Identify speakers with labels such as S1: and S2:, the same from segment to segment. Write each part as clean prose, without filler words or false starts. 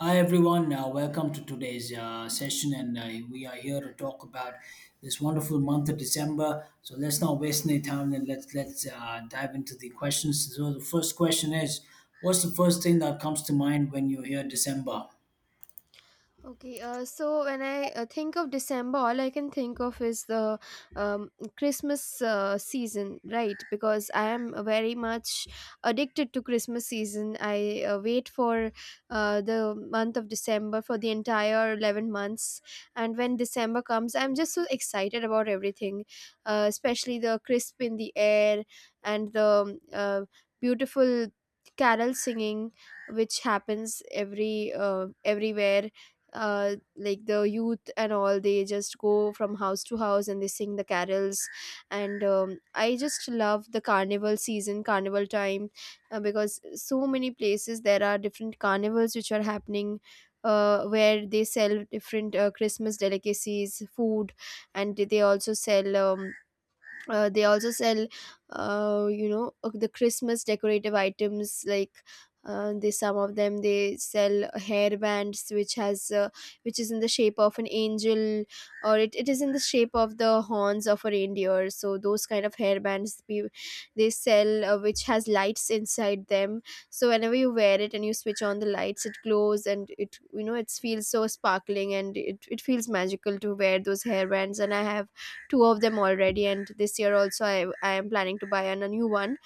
S1: Hi everyone, welcome to today's session, and we are here to talk about this wonderful month of December. So let's not waste any time, and let's dive into the questions. So the first question is, what's the first thing that comes to mind when you hear December?
S2: Okay, so when I think of December, all I can think of is the um, Christmas season, right? Because I am very much addicted to Christmas season. I wait for the month of December for the entire 11 months. And when December comes, I'm just so excited about everything, especially the crisp in the air and the um, uh, beautiful carol singing which happens everywhere, like the youth and all. They just go from house to house and they sing the carols, and I just love the carnival season, carnival time, because so many places there are different carnivals which are happening, where they sell different Christmas delicacies, food, and they also sell you know the Christmas decorative items like, they some of them, they sell hair bands which has which is in the shape of an angel, or it is in the shape of the horns of a reindeer. So those kind of hair bands, they sell, which has lights inside them. So whenever you wear it and you switch on the lights, it glows, and it, you know, it feels so sparkling, and it feels magical to wear those hair bands. And I have two of them already, and this year also I am planning to buy a new one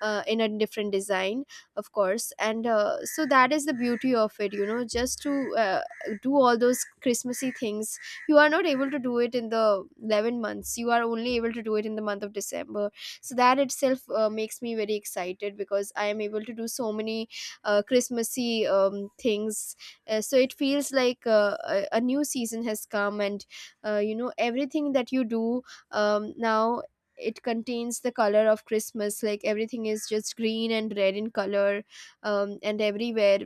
S2: in a different design, of course. And so that is the beauty of it, you know, just to do all those Christmassy things. You are not able to do it in the 11 months, you are only able to do it in the month of December. So that itself makes me very excited because I am able to do so many Christmassy things. So it feels like a new season has come, and you know, everything that you do now, it contains the color of Christmas. Like everything is just green and red in color. And everywhere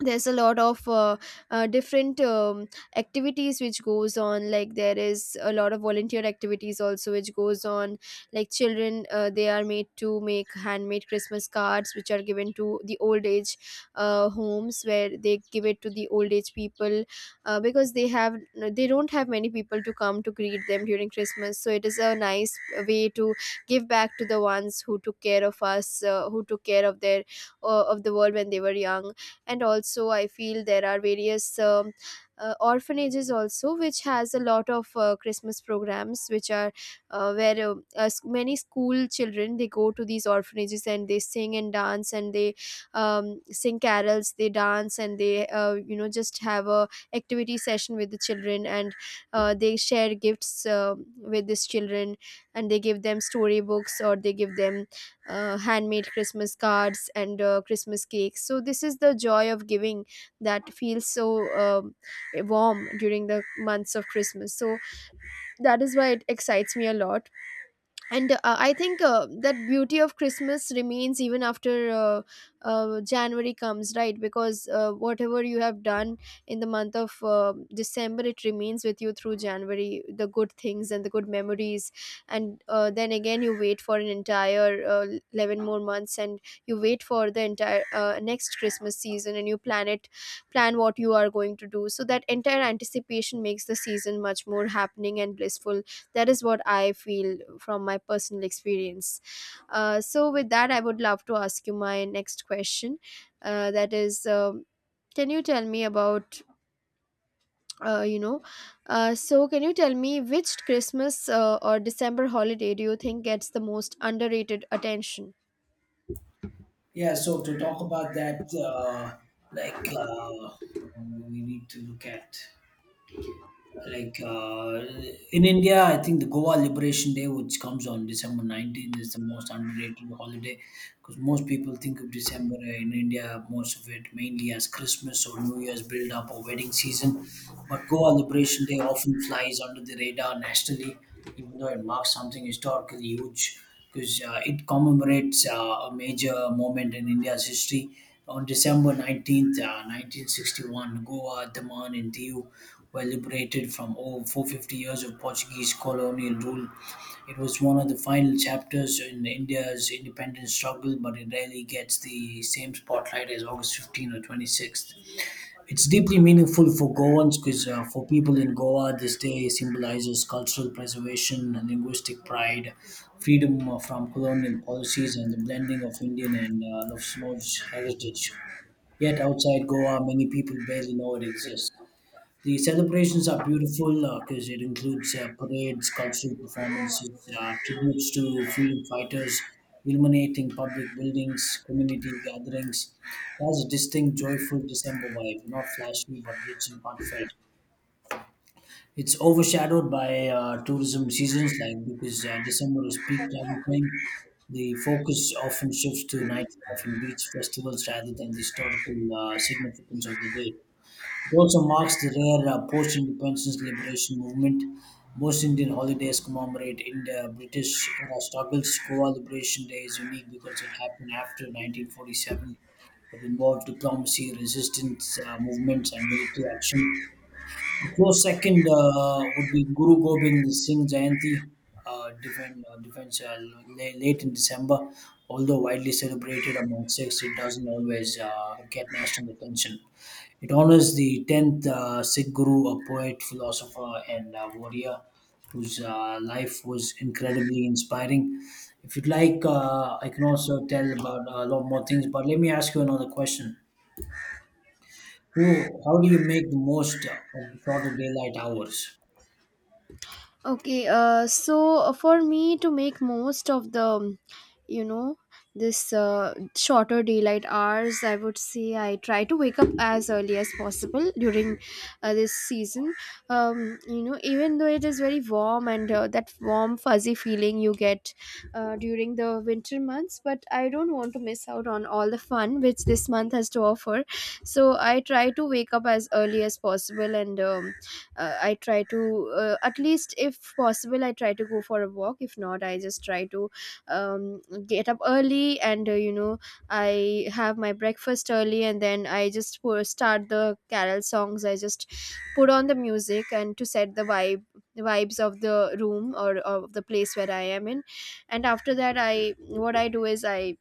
S2: there's a lot of different activities which goes on. Like there is a lot of volunteer activities also which goes on, like children, they are made to make handmade Christmas cards which are given to the old age homes, where they give it to the old age people, because they have, they don't have many people to come to greet them during Christmas. So it is a nice way to give back to the ones who took care of us, who took care of their, of the world when they were young. And also I feel there are various orphanages also which has a lot of Christmas programs which are, where many school children, they go to these orphanages and they sing and dance, and they sing carols, they dance, and they, you know, just have a activity session with the children. And they share gifts with these children, and they give them storybooks, or they give them handmade Christmas cards and Christmas cakes. So this is the joy of giving that feels so warm during the months of Christmas. So that is why it excites me a lot. And I think that beauty of Christmas remains even after uh, January comes, right? Because whatever you have done in the month of December, it remains with you through January, the good things and the good memories. And then again you wait for an entire 11 more months, and you wait for the entire next Christmas season, and you plan it, plan what you are going to do. So that entire anticipation makes the season much more happening and blissful. That is what I feel from my personal experience. So with that, I would love to ask you my next question that is Can you tell me about, uh, you know can you tell me which Christmas or December holiday do you think gets the most underrated attention?
S1: Yeah, so to talk about that, like uh, we need to look at. Like uh, in India, I think the Goa Liberation Day, which comes on December 19th, is the most underrated holiday because most people think of December in India, most of it mainly as Christmas or New Year's build up or wedding season. But Goa Liberation Day often flies under the radar nationally even though it marks something historically huge because it commemorates a major moment in India's history. On December 19th, 1961, Goa, Daman, and Diu were liberated from over 450 years of Portuguese colonial rule. It was one of the final chapters in India's independence struggle, but it rarely gets the same spotlight as August 15th or 26th. It's deeply meaningful for Goans because for people in Goa, this day symbolizes cultural preservation, linguistic pride, freedom from colonial policies, and the blending of Indian and Lushnoj heritage. Yet outside Goa, many people barely know it exists. The celebrations are beautiful because it includes parades, cultural performances, tributes to freedom fighters, illuminating public buildings, community gatherings. It has a distinct, joyful December vibe, not flashy but rich and heartfelt. It's overshadowed by tourism seasons, like because December is peak travel time. The focus often shifts to nightlife and beach festivals rather than the historical significance of the day. It also marks the rare post-independence liberation movement. Most Indian holidays commemorate India British era struggles. Goa Liberation Day is unique because it happened after 1947. It involved diplomacy, resistance movements, and military action. A close second would be Guru Gobind Singh Jayanti, defense late in December. Although widely celebrated among Sikhs, it doesn't always get national attention. It honors the 10th Sikh Guru, a poet, philosopher, and warrior whose life was incredibly inspiring. If you'd like, I can also tell about a lot more things, but let me ask you another question. How do you make the most of the shorter daylight hours?
S2: Okay, for me to make most of the, you know, this shorter daylight hours, I would say I try to wake up as early as possible during this season. You know, even though it is very warm, and that warm fuzzy feeling you get during the winter months, but I don't want to miss out on all the fun which this month has to offer. So I try to wake up as early as possible, and I try to, at least if possible, I try to go for a walk. If not, I just try to um, get up early, and you know, I have my breakfast early, and then I just start the carol songs. I just put on the music and to set the vibe, the vibes of the room or of the place where I am in. And after that, I what I do is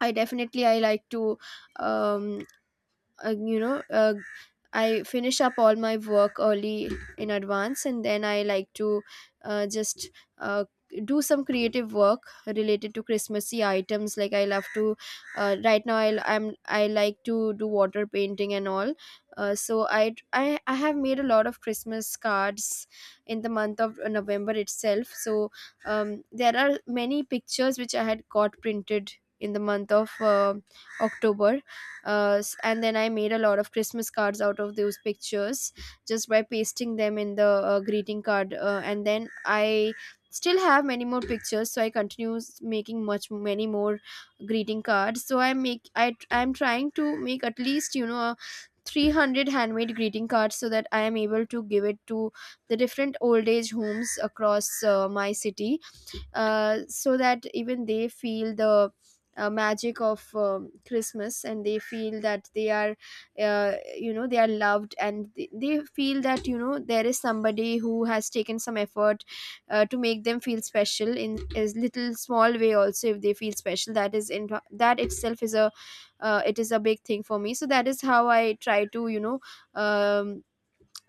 S2: I definitely, I like to um uh, you know uh, I finish up all my work early, in advance, and then I like to just uh, do some creative work related to Christmassy items. Like I love to, right now I like to do water painting and all. So I have made a lot of Christmas cards in the month of November itself. So there are many pictures which I had got printed in the month of October. And then I made a lot of Christmas cards out of those pictures just by pasting them in the greeting card. And then I still have many more pictures, so I continue making much many more greeting cards. So I'm trying to make, at least, you know, a 300 handmade greeting cards, so that I am able to give it to the different old age homes across my city, so that even they feel the magic of Christmas, and they feel that they are, you know, they are loved, and they feel that, you know, there is somebody who has taken some effort to make them feel special in as little small way. Also, if they feel special, that is, in that itself is a, it is a big thing for me. So that is how I try to, you know, um,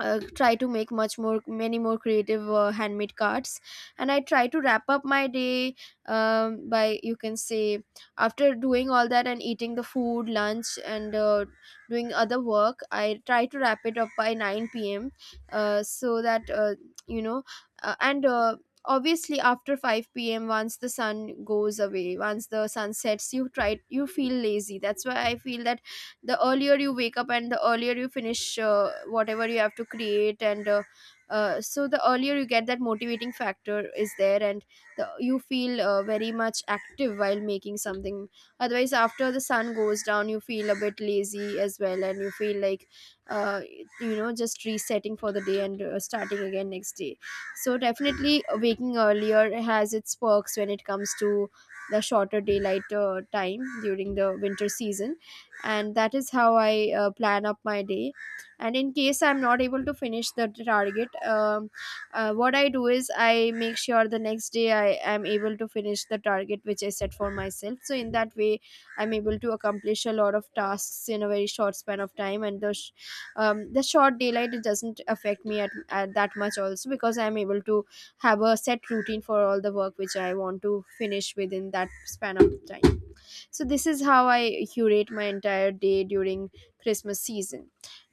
S2: try to make much more many more creative handmade cards. And I try to wrap up my day, by, you can say, after doing all that and eating the food, lunch, and doing other work, I try to wrap it up by 9 p.m., so that you know and obviously after 5 p.m., once the sun goes away, once the sun sets, you feel lazy. That's why I feel that the earlier you wake up and the earlier you finish whatever you have to create, and so the earlier you get, that motivating factor is there. And you feel very much active while making something. Otherwise, after the sun goes down, you feel a bit lazy as well, and you feel like, uh, you know, just resetting for the day, and starting again next day. So definitely waking earlier has its perks when it comes to the shorter daylight time during the winter season. And that is how I plan up my day. And in case I'm not able to finish the target, what I do is I make sure the next day I am able to finish the target which I set for myself. So in that way, I'm able to accomplish a lot of tasks in a very short span of time, and the short daylight, it doesn't affect me at that much also, because I'm able to have a set routine for all the work which I want to finish within that span of time. So this is how I curate my entire day during Christmas season.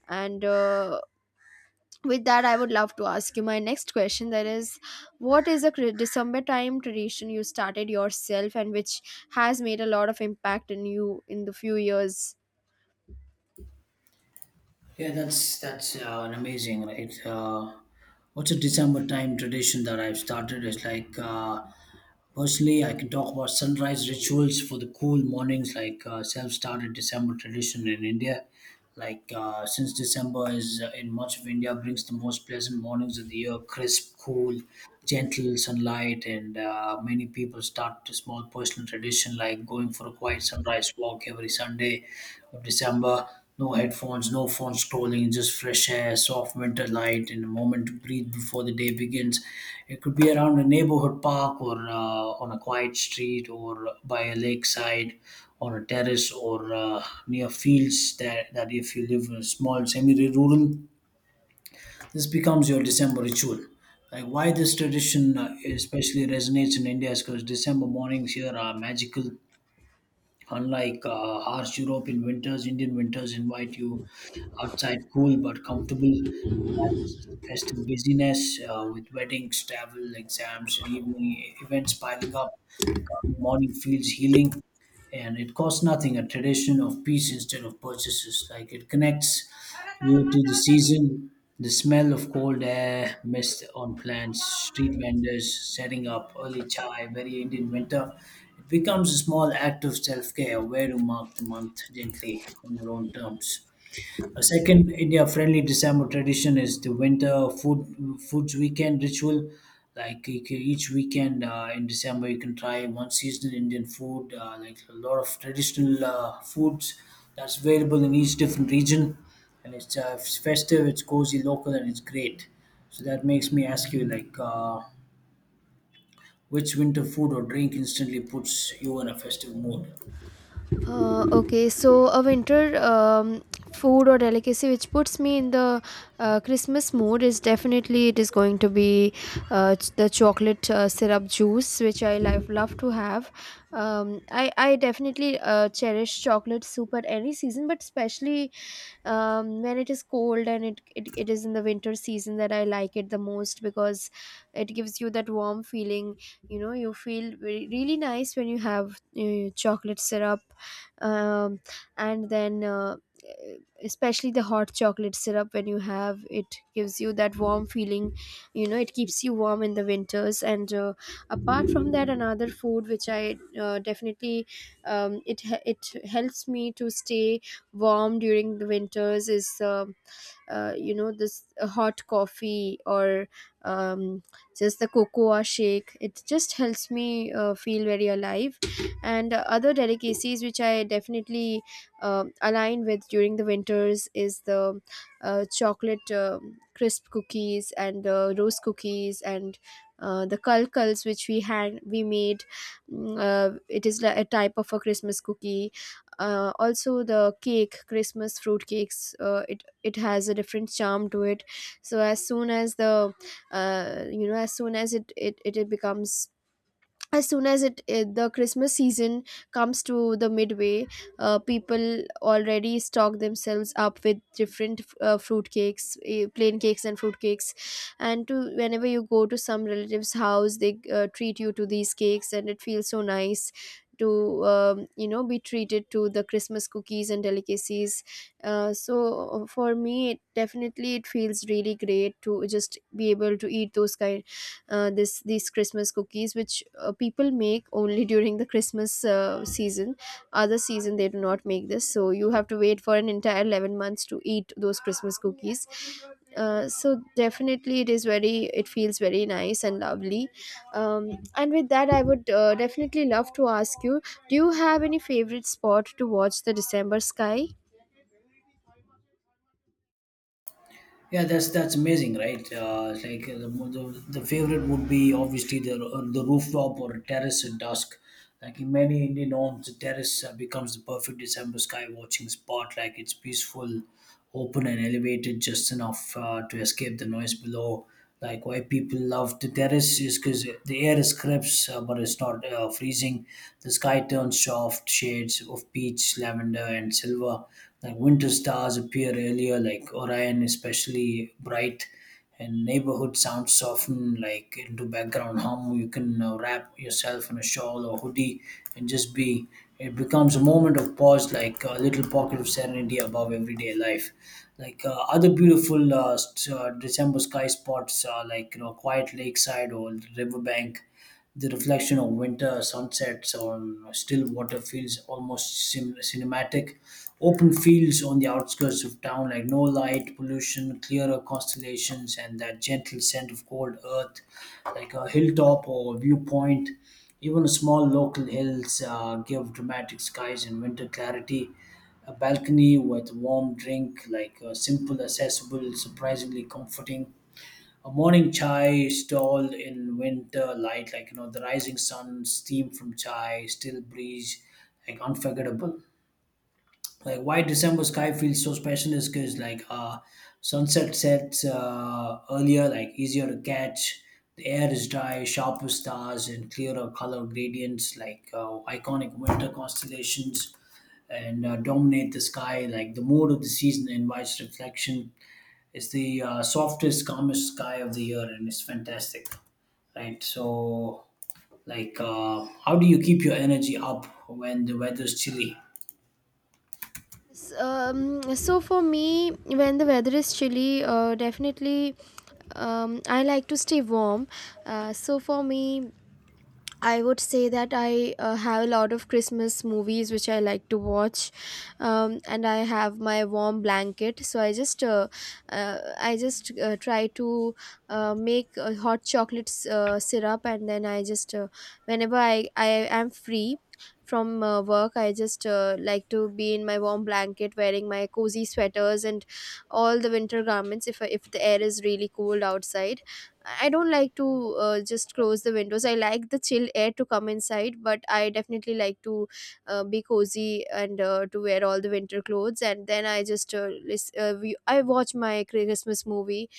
S2: And with that, I would love to ask you my next question, that is, what is a December time tradition you started yourself and which has made a lot of impact in you in the few years?
S1: Yeah, that's an amazing, right? What's a December time tradition that I've started? It's personally, I can talk about sunrise rituals for the cool mornings, like self-started December tradition in India. Since December is in much of India brings the most pleasant mornings of the year, crisp, cool, gentle sunlight, and many people start a small personal tradition like going for a quiet sunrise walk every Sunday of December, no headphones, no phone scrolling, just fresh air, soft winter light, and a moment to breathe before the day begins. It could be around a neighborhood park or on a quiet street or by a lakeside, on a terrace or near fields that if you live in a small semi-rural, this becomes your December ritual. Like why this tradition especially resonates in India is because December mornings here are magical. Unlike harsh European winters, Indian winters invite you outside, cool but comfortable, festive busyness with weddings, travel, exams, and evening events piling up. Calm morning feels healing, and it costs nothing. A tradition of peace instead of purchases. Like it connects you to the season. The smell of cold air, mist on plants, street vendors setting up early chai, very Indian winter. It becomes a small act of self care, a way to mark the month gently on your own terms. A second India-friendly December tradition is the winter food foods weekend ritual. Like each weekend in December, you can try one seasonal Indian food, like a lot of traditional foods that's available in each different region, and it's festive, it's cozy, local, and it's great. So that makes me ask you, which winter food or drink instantly puts you in a festive mood?
S2: Okay, so a winter food or delicacy which puts me in the Christmas mood is definitely, it is going to be, the chocolate syrup juice which I love, love to have. I definitely cherish chocolate soup at any season, but especially when it is cold, and it is in the winter season that I like it the most, because it gives you that warm feeling. You feel really nice when you have chocolate syrup. Um, and then uh, especially the hot chocolate syrup, when you have it, gives you that warm feeling. It keeps you warm in the winters. And apart from that, another food which I definitely it helps me to stay warm during the winters is this hot coffee or um, just the cocoa shake. It just helps me feel very alive. And other delicacies which I definitely align with during the winters is the chocolate crisp cookies, and rose cookies, and the kalkals, which we made. Mm, a type of a Christmas cookie. Also the cake, Christmas fruit cakes. It has a different charm to it. So as soon as the as soon as becomes, as soon as it the Christmas season comes to the midway, people already stock themselves up with different fruit cakes, plain cakes and fruit cakes, and to whenever you go to some relative's house, they treat you to these cakes, and it feels so nice to be treated to the Christmas cookies and delicacies. So for me, it definitely, it feels really great to just be able to eat those kind, this these Christmas cookies, which people make only during the Christmas season. Other season they do not make this, so you have to wait for an entire 11 months to eat those Christmas cookies. So definitely, it is very. It feels very nice and lovely. And with that, I would definitely love to ask you: do you have any favorite spot to watch the December sky?
S1: Yeah, that's amazing, right? It's like the favorite would be obviously the rooftop or terrace at dusk. Like in many Indian homes, the terrace becomes the perfect December sky watching spot. Like it's peaceful, open, and elevated just enough to escape the noise below. Like why people love the terrace is because the air is crisp, but it's not freezing. The sky turns soft, shades of peach, lavender, and silver. Like winter stars appear earlier, like Orion, especially bright. And neighborhood sounds soften like into background hum. You can wrap yourself in a shawl or hoodie and just be. It becomes a moment of pause, like a little pocket of serenity above everyday life. Like other beautiful December sky spots, like you know, quiet lakeside or riverbank, the reflection of winter sunsets on still water feels almost cinematic. Open fields on the outskirts of town, like no light pollution, clearer constellations, and that gentle scent of cold earth, like a hilltop or viewpoint. Even small local hills give dramatic skies and winter clarity. A balcony with warm drink, like simple, accessible, surprisingly comforting. A morning chai stall in winter light, like you know, the rising sun, steam from chai, still breeze, like unforgettable. Like why December sky feels so special is because sunset sets earlier, like easier to catch. The air is dry, sharper stars and clearer color gradients, iconic winter constellations and dominate the sky. Like the mood of the season invites reflection. It's the softest, calmest sky of the year, and it's fantastic, right? So how do you keep your energy up when the weather's chilly?
S2: S- Um, so for me, when the weather is chilly, definitely I like to stay warm. So for me, I would say that I have a lot of Christmas movies which I like to watch, and I have my warm blanket. So I just try to make hot chocolate syrup, and then I just, whenever I am free from work, I just like to be in my warm blanket, wearing my cozy sweaters and all the winter garments. If the air is really cold outside, I don't like to just close the windows. I like the chill air to come inside, but I definitely like to be cozy and to wear all the winter clothes. And then I just list, we, I watch my Christmas movie.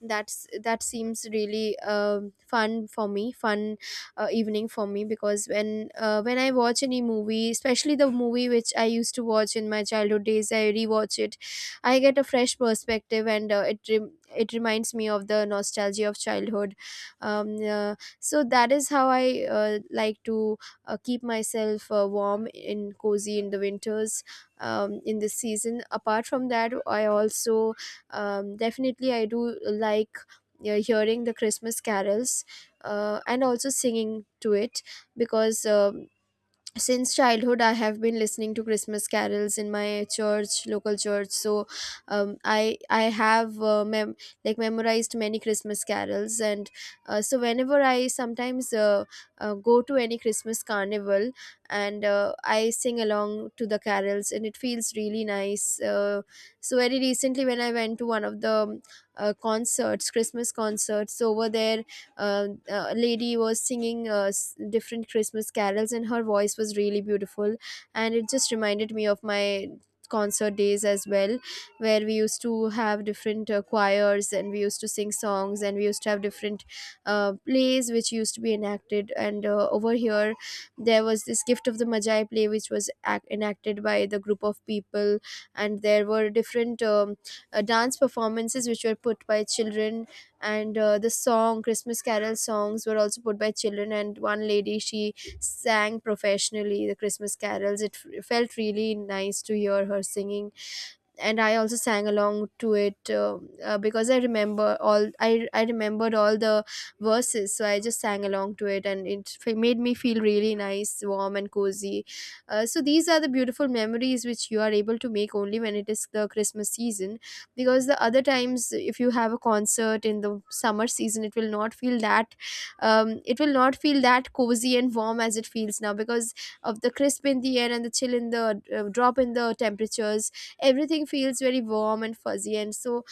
S2: That seems really fun for me, fun evening for me, because when I watch any movie, especially the movie which I used to watch in my childhood days, I rewatch it, I get a fresh perspective, and it reminds me of the nostalgia of childhood. So that is how I like to keep myself warm and cozy in the winters, in this season. Apart from that, I also definitely I do like hearing the Christmas carols, and also singing to it, because since childhood I have been listening to Christmas carols in my church, local church. So I have like memorized many Christmas carols. And so whenever I sometimes go to any Christmas carnival, and I sing along to the carols, and it feels really nice. So very recently, when I went to one of the concerts Christmas concerts over there, a lady was singing different Christmas carols, and her voice was really beautiful. And it just reminded me of my concert days as well, where we used to have different choirs, and we used to sing songs, and we used to have different plays which used to be enacted. And over here, there was this Gift of the Magi play which was enacted by the group of people, and there were different dance performances which were put by children, and the song Christmas carol songs were also put by children, and one lady, she sang professionally the Christmas carols. Felt really nice to hear her singing, and I also sang along to it, because I remembered all the verses, so I just sang along to it, and made me feel really nice, warm, and cozy. So these are the beautiful memories which you are able to make only when it is the Christmas season, because the other times, if you have a concert in the summer season, it will not feel that cozy and warm as it feels now, because of the crisp in the air and the chill in the drop in the temperatures. Everything feels very warm and fuzzy, and so,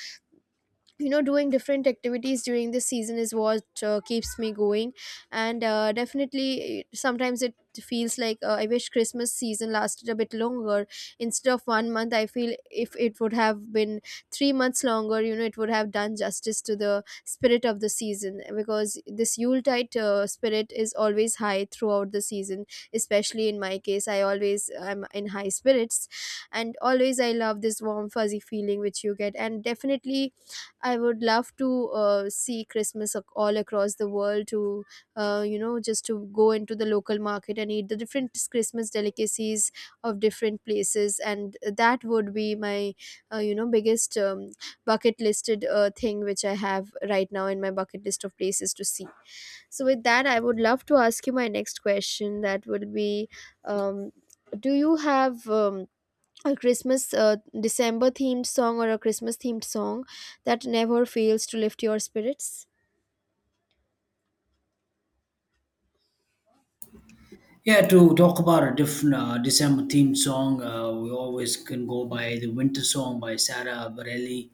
S2: doing different activities during this season is what keeps me going. And definitely sometimes it feels like I wish Christmas season lasted a bit longer. Instead of one month, I feel if it would have been 3 months longer, it would have done justice to the spirit of the season, because this yuletide spirit is always high throughout the season. Especially in my case, I always am in high spirits, and always I love this warm, fuzzy feeling which you get. And definitely I would love to see Christmas all across the world, to, just to go into the local market and eat the different Christmas delicacies of different places. And that would be my, biggest bucket listed thing which I have right now in my bucket list of places to see. So, with that, I would love to ask you my next question, that would be: um, Do you have. A Christmas December themed song or a Christmas themed song that never fails to lift your spirits?
S1: Yeah, to talk about a different December themed song, we always can go by the Winter Song by Sarah Bareilles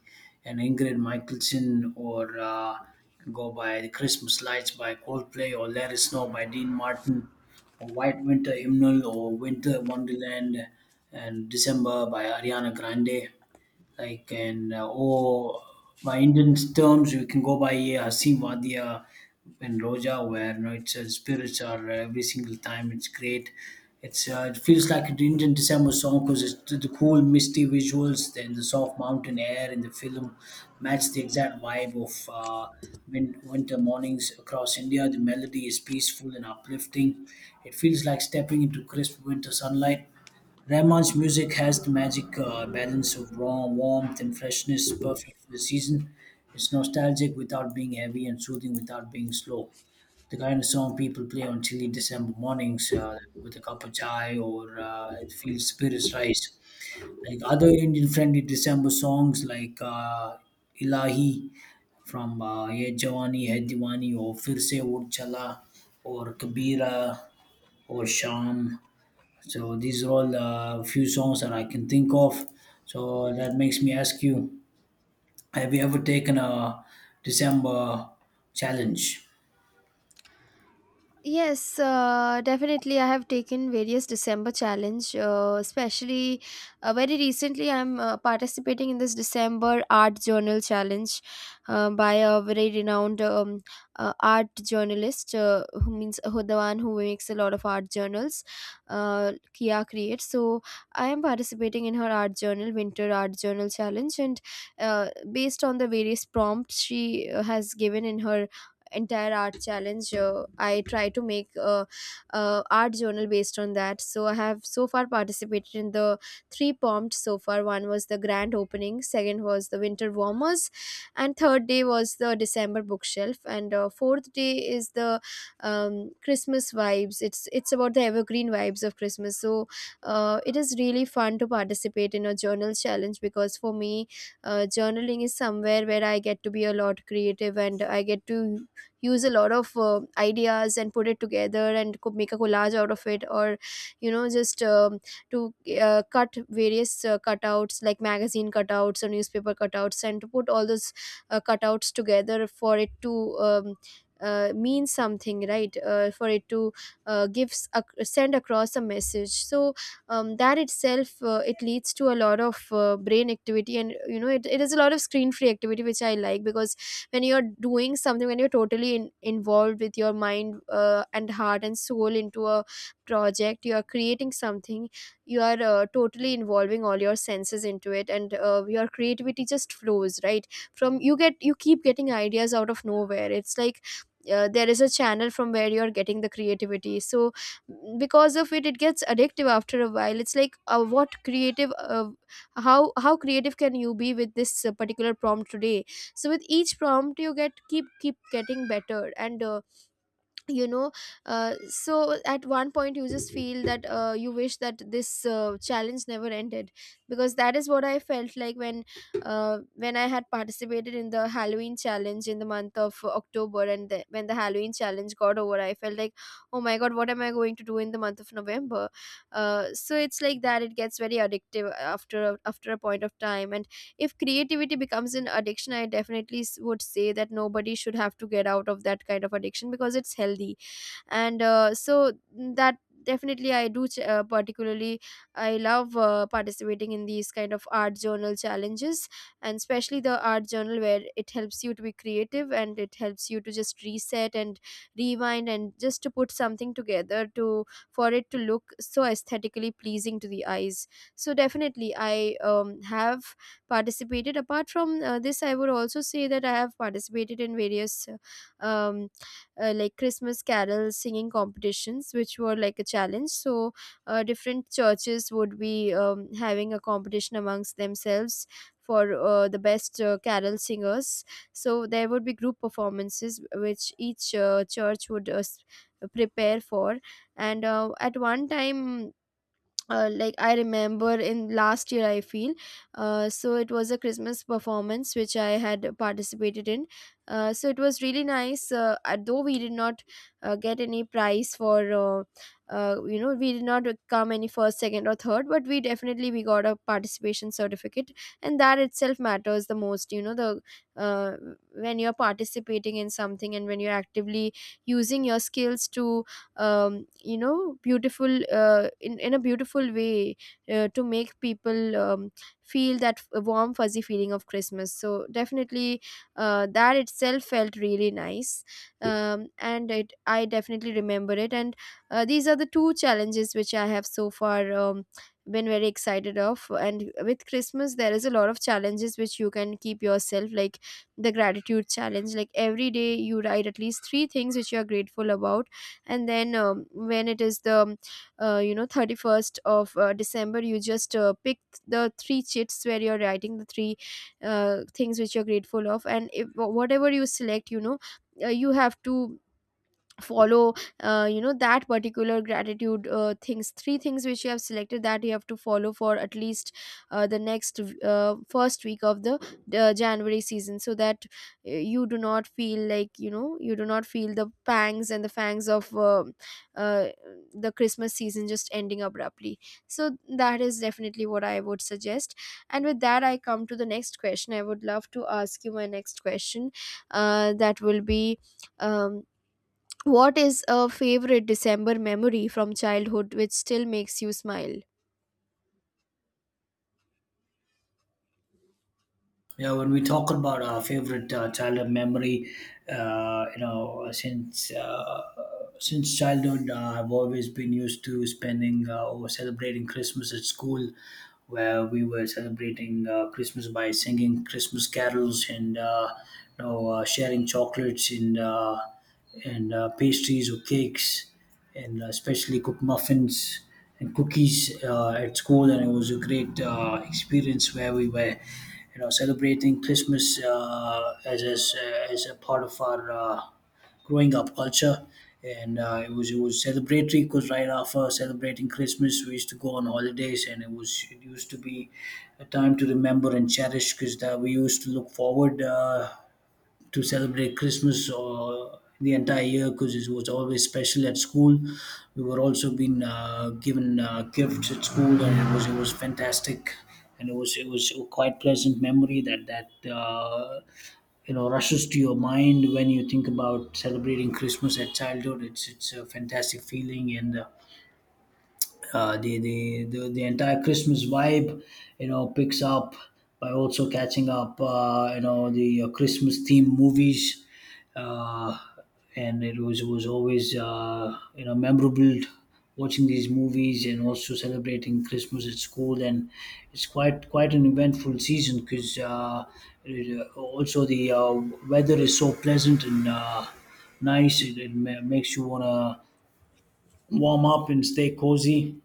S1: and Ingrid Michaelson, or can go by the Christmas Lights by Coldplay, or Let It Snow by Dean Martin, or White Winter Hymnal, or Winter Wonderland, and December by Ariana Grande. Like and oh, by Indian terms we can go by Hasimvadia and Roja, where you know it's spirits are every single time it's great. It's it feels like an Indian December song because it's the cool misty visuals, then the soft mountain air in the film match the exact vibe of uh, winter mornings across India. The melody is peaceful and uplifting. It feels like stepping into crisp winter sunlight. Ramon's music has the magic balance of raw warmth and freshness, perfect for the season. It's nostalgic without being heavy and soothing without being slow. The kind of song people play on chilly December mornings with a cup of chai, or it feels spirits rise. Like other Indian friendly December songs, Ilahi from Ye Jawani Hai Diwani, or Fir Se Ud Chala, or Kabira, or Sham, so these are all a few songs that I can think of. So that makes me ask you, have you ever taken a December challenge?
S2: Yes, definitely. I have taken various December challenge, especially very recently. I'm participating in this December art journal challenge by a very renowned art journalist, who the one who makes a lot of art journals, Kia Create. So I am participating in her art journal, Winter Art Journal Challenge, and based on the various prompts she has given in her entire art challenge, I try to make a art journal based on that. So I have so far participated in the three prompts so far. One was the grand opening, second was the winter warmers, and third day was the December bookshelf, and fourth day is the Christmas vibes. It's about the evergreen vibes of Christmas. So it is really fun to participate in a journal challenge, because for me, journaling is somewhere where I get to be a lot creative, and I get to use a lot of ideas and put it together, and make a collage out of it, or just to cut various cutouts, like magazine cutouts or newspaper cutouts, and to put all those cutouts together for it to mean something, right, for it to send across a message. So that itself, it leads to a lot of brain activity. And it is a lot of screen free activity which I like, because when you're doing something, when you're totally involved with your mind and heart and soul into a project, you are creating something, you are totally involving all your senses into it, and your creativity just flows right from you keep getting ideas out of nowhere. It's like there is a channel from where you're getting the creativity. So, because of it, it gets addictive after a while. It's like, what creative how creative can you be with this particular prompt today? So with each prompt you get keep getting better, and you know so at one point you just feel that you wish that this challenge never ended, because that is what I felt like when uh, when I had participated in the Halloween challenge in the month of October, and when the Halloween challenge got over, I felt like, oh my god, what am I going to do in the month of November? So it's like that. It gets very addictive after after a point of time. And if creativity becomes an addiction, I definitely would say that nobody should have to get out of that kind of addiction, because it's healthy. And so that definitely particularly I love participating in these kind of art journal challenges, and especially the art journal where it helps you to be creative, and it helps you to just reset and rewind, and just to put something together, to for it to look so aesthetically pleasing to the eyes. So definitely I have participated. Apart from this, I would also say that I have participated in various like Christmas carol singing competitions, which were like a challenge. So different churches would be having a competition amongst themselves for the best carol singers. So there would be group performances which each church would prepare for. And at one time, like I remember in last year, I feel. So it was a Christmas performance which I had participated in. So it was really nice. Though we did not get any prize for, we did not come any first, second, or third, but we definitely we got a participation certificate, and that itself matters the most. You know, the uh, when you're participating in something and when you're actively using your skills to you know beautiful in a beautiful way, to make people feel that warm, fuzzy feeling of Christmas. So definitely that itself felt really nice, and it I definitely remember it. And these are the two challenges which I have so far. Been very excited of. And with Christmas, there is a lot of challenges which you can keep yourself, like the gratitude challenge, like every day you write at least three things which you are grateful about. And then when it is the 31st of December, you just pick the three chits where you're writing the three things which you're grateful of. And if, whatever you select, you have to follow, that particular gratitude things three things which you have selected, that you have to follow for at least the next first week of the January season, so that you do not feel like, you do not feel the pangs and the fangs of uh, the Christmas season just ending abruptly. So that is definitely what I would suggest. And with that, I come to the next question. I would love to ask you my next question, that will be: um, what is a favorite December memory from childhood which still makes you smile?
S1: Yeah, when we talk about our favorite childhood memory, uh, you know, since uh, since childhood, I've always been used to spending or celebrating Christmas at school, where we were celebrating Christmas by singing Christmas carols and sharing chocolates and pastries or cakes, and especially cooked muffins and cookies at school. And it was a great experience where we were, you know, celebrating Christmas as a part of our growing up culture. And it was celebratory because right after celebrating Christmas, we used to go on holidays, and it used to be a time to remember and cherish because we used to look forward. To celebrate Christmas or the entire year because it was always special at school. We were also being given gifts at school, and it was fantastic, and it was a quite pleasant memory that you know rushes to your mind when you think about celebrating Christmas at childhood. It's a fantastic feeling and. The entire Christmas vibe, you know, picks up by also catching up, you know, the Christmas themed movies, uh, and it was always you know, memorable watching these movies and also celebrating Christmas at school. And it's quite an eventful season because also the weather is so pleasant and nice. It makes you wanna warm up and stay cozy,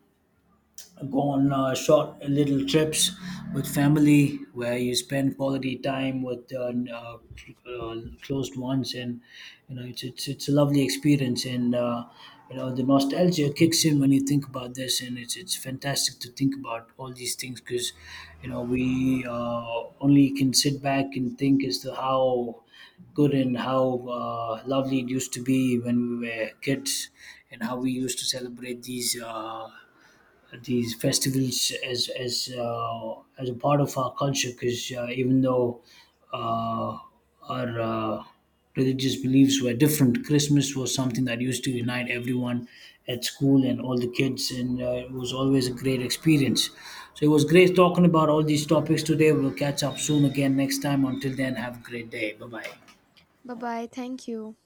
S1: go on short little trips with family where you spend quality time with close ones, and you know it's a lovely experience, and you know the nostalgia kicks in when you think about this and it's fantastic to think about all these things because you know we only can sit back and think as to how good and how lovely it used to be when we were kids, and how we used to celebrate these festivals as as a part of our culture because even though uh, our religious beliefs were different, Christmas was something that used to unite everyone at school and all the kids, and it was always a great experience. So it was great talking about all these topics today. We'll catch up soon again next time. Until then, have a great day. Bye bye.
S2: Bye bye. Thank you.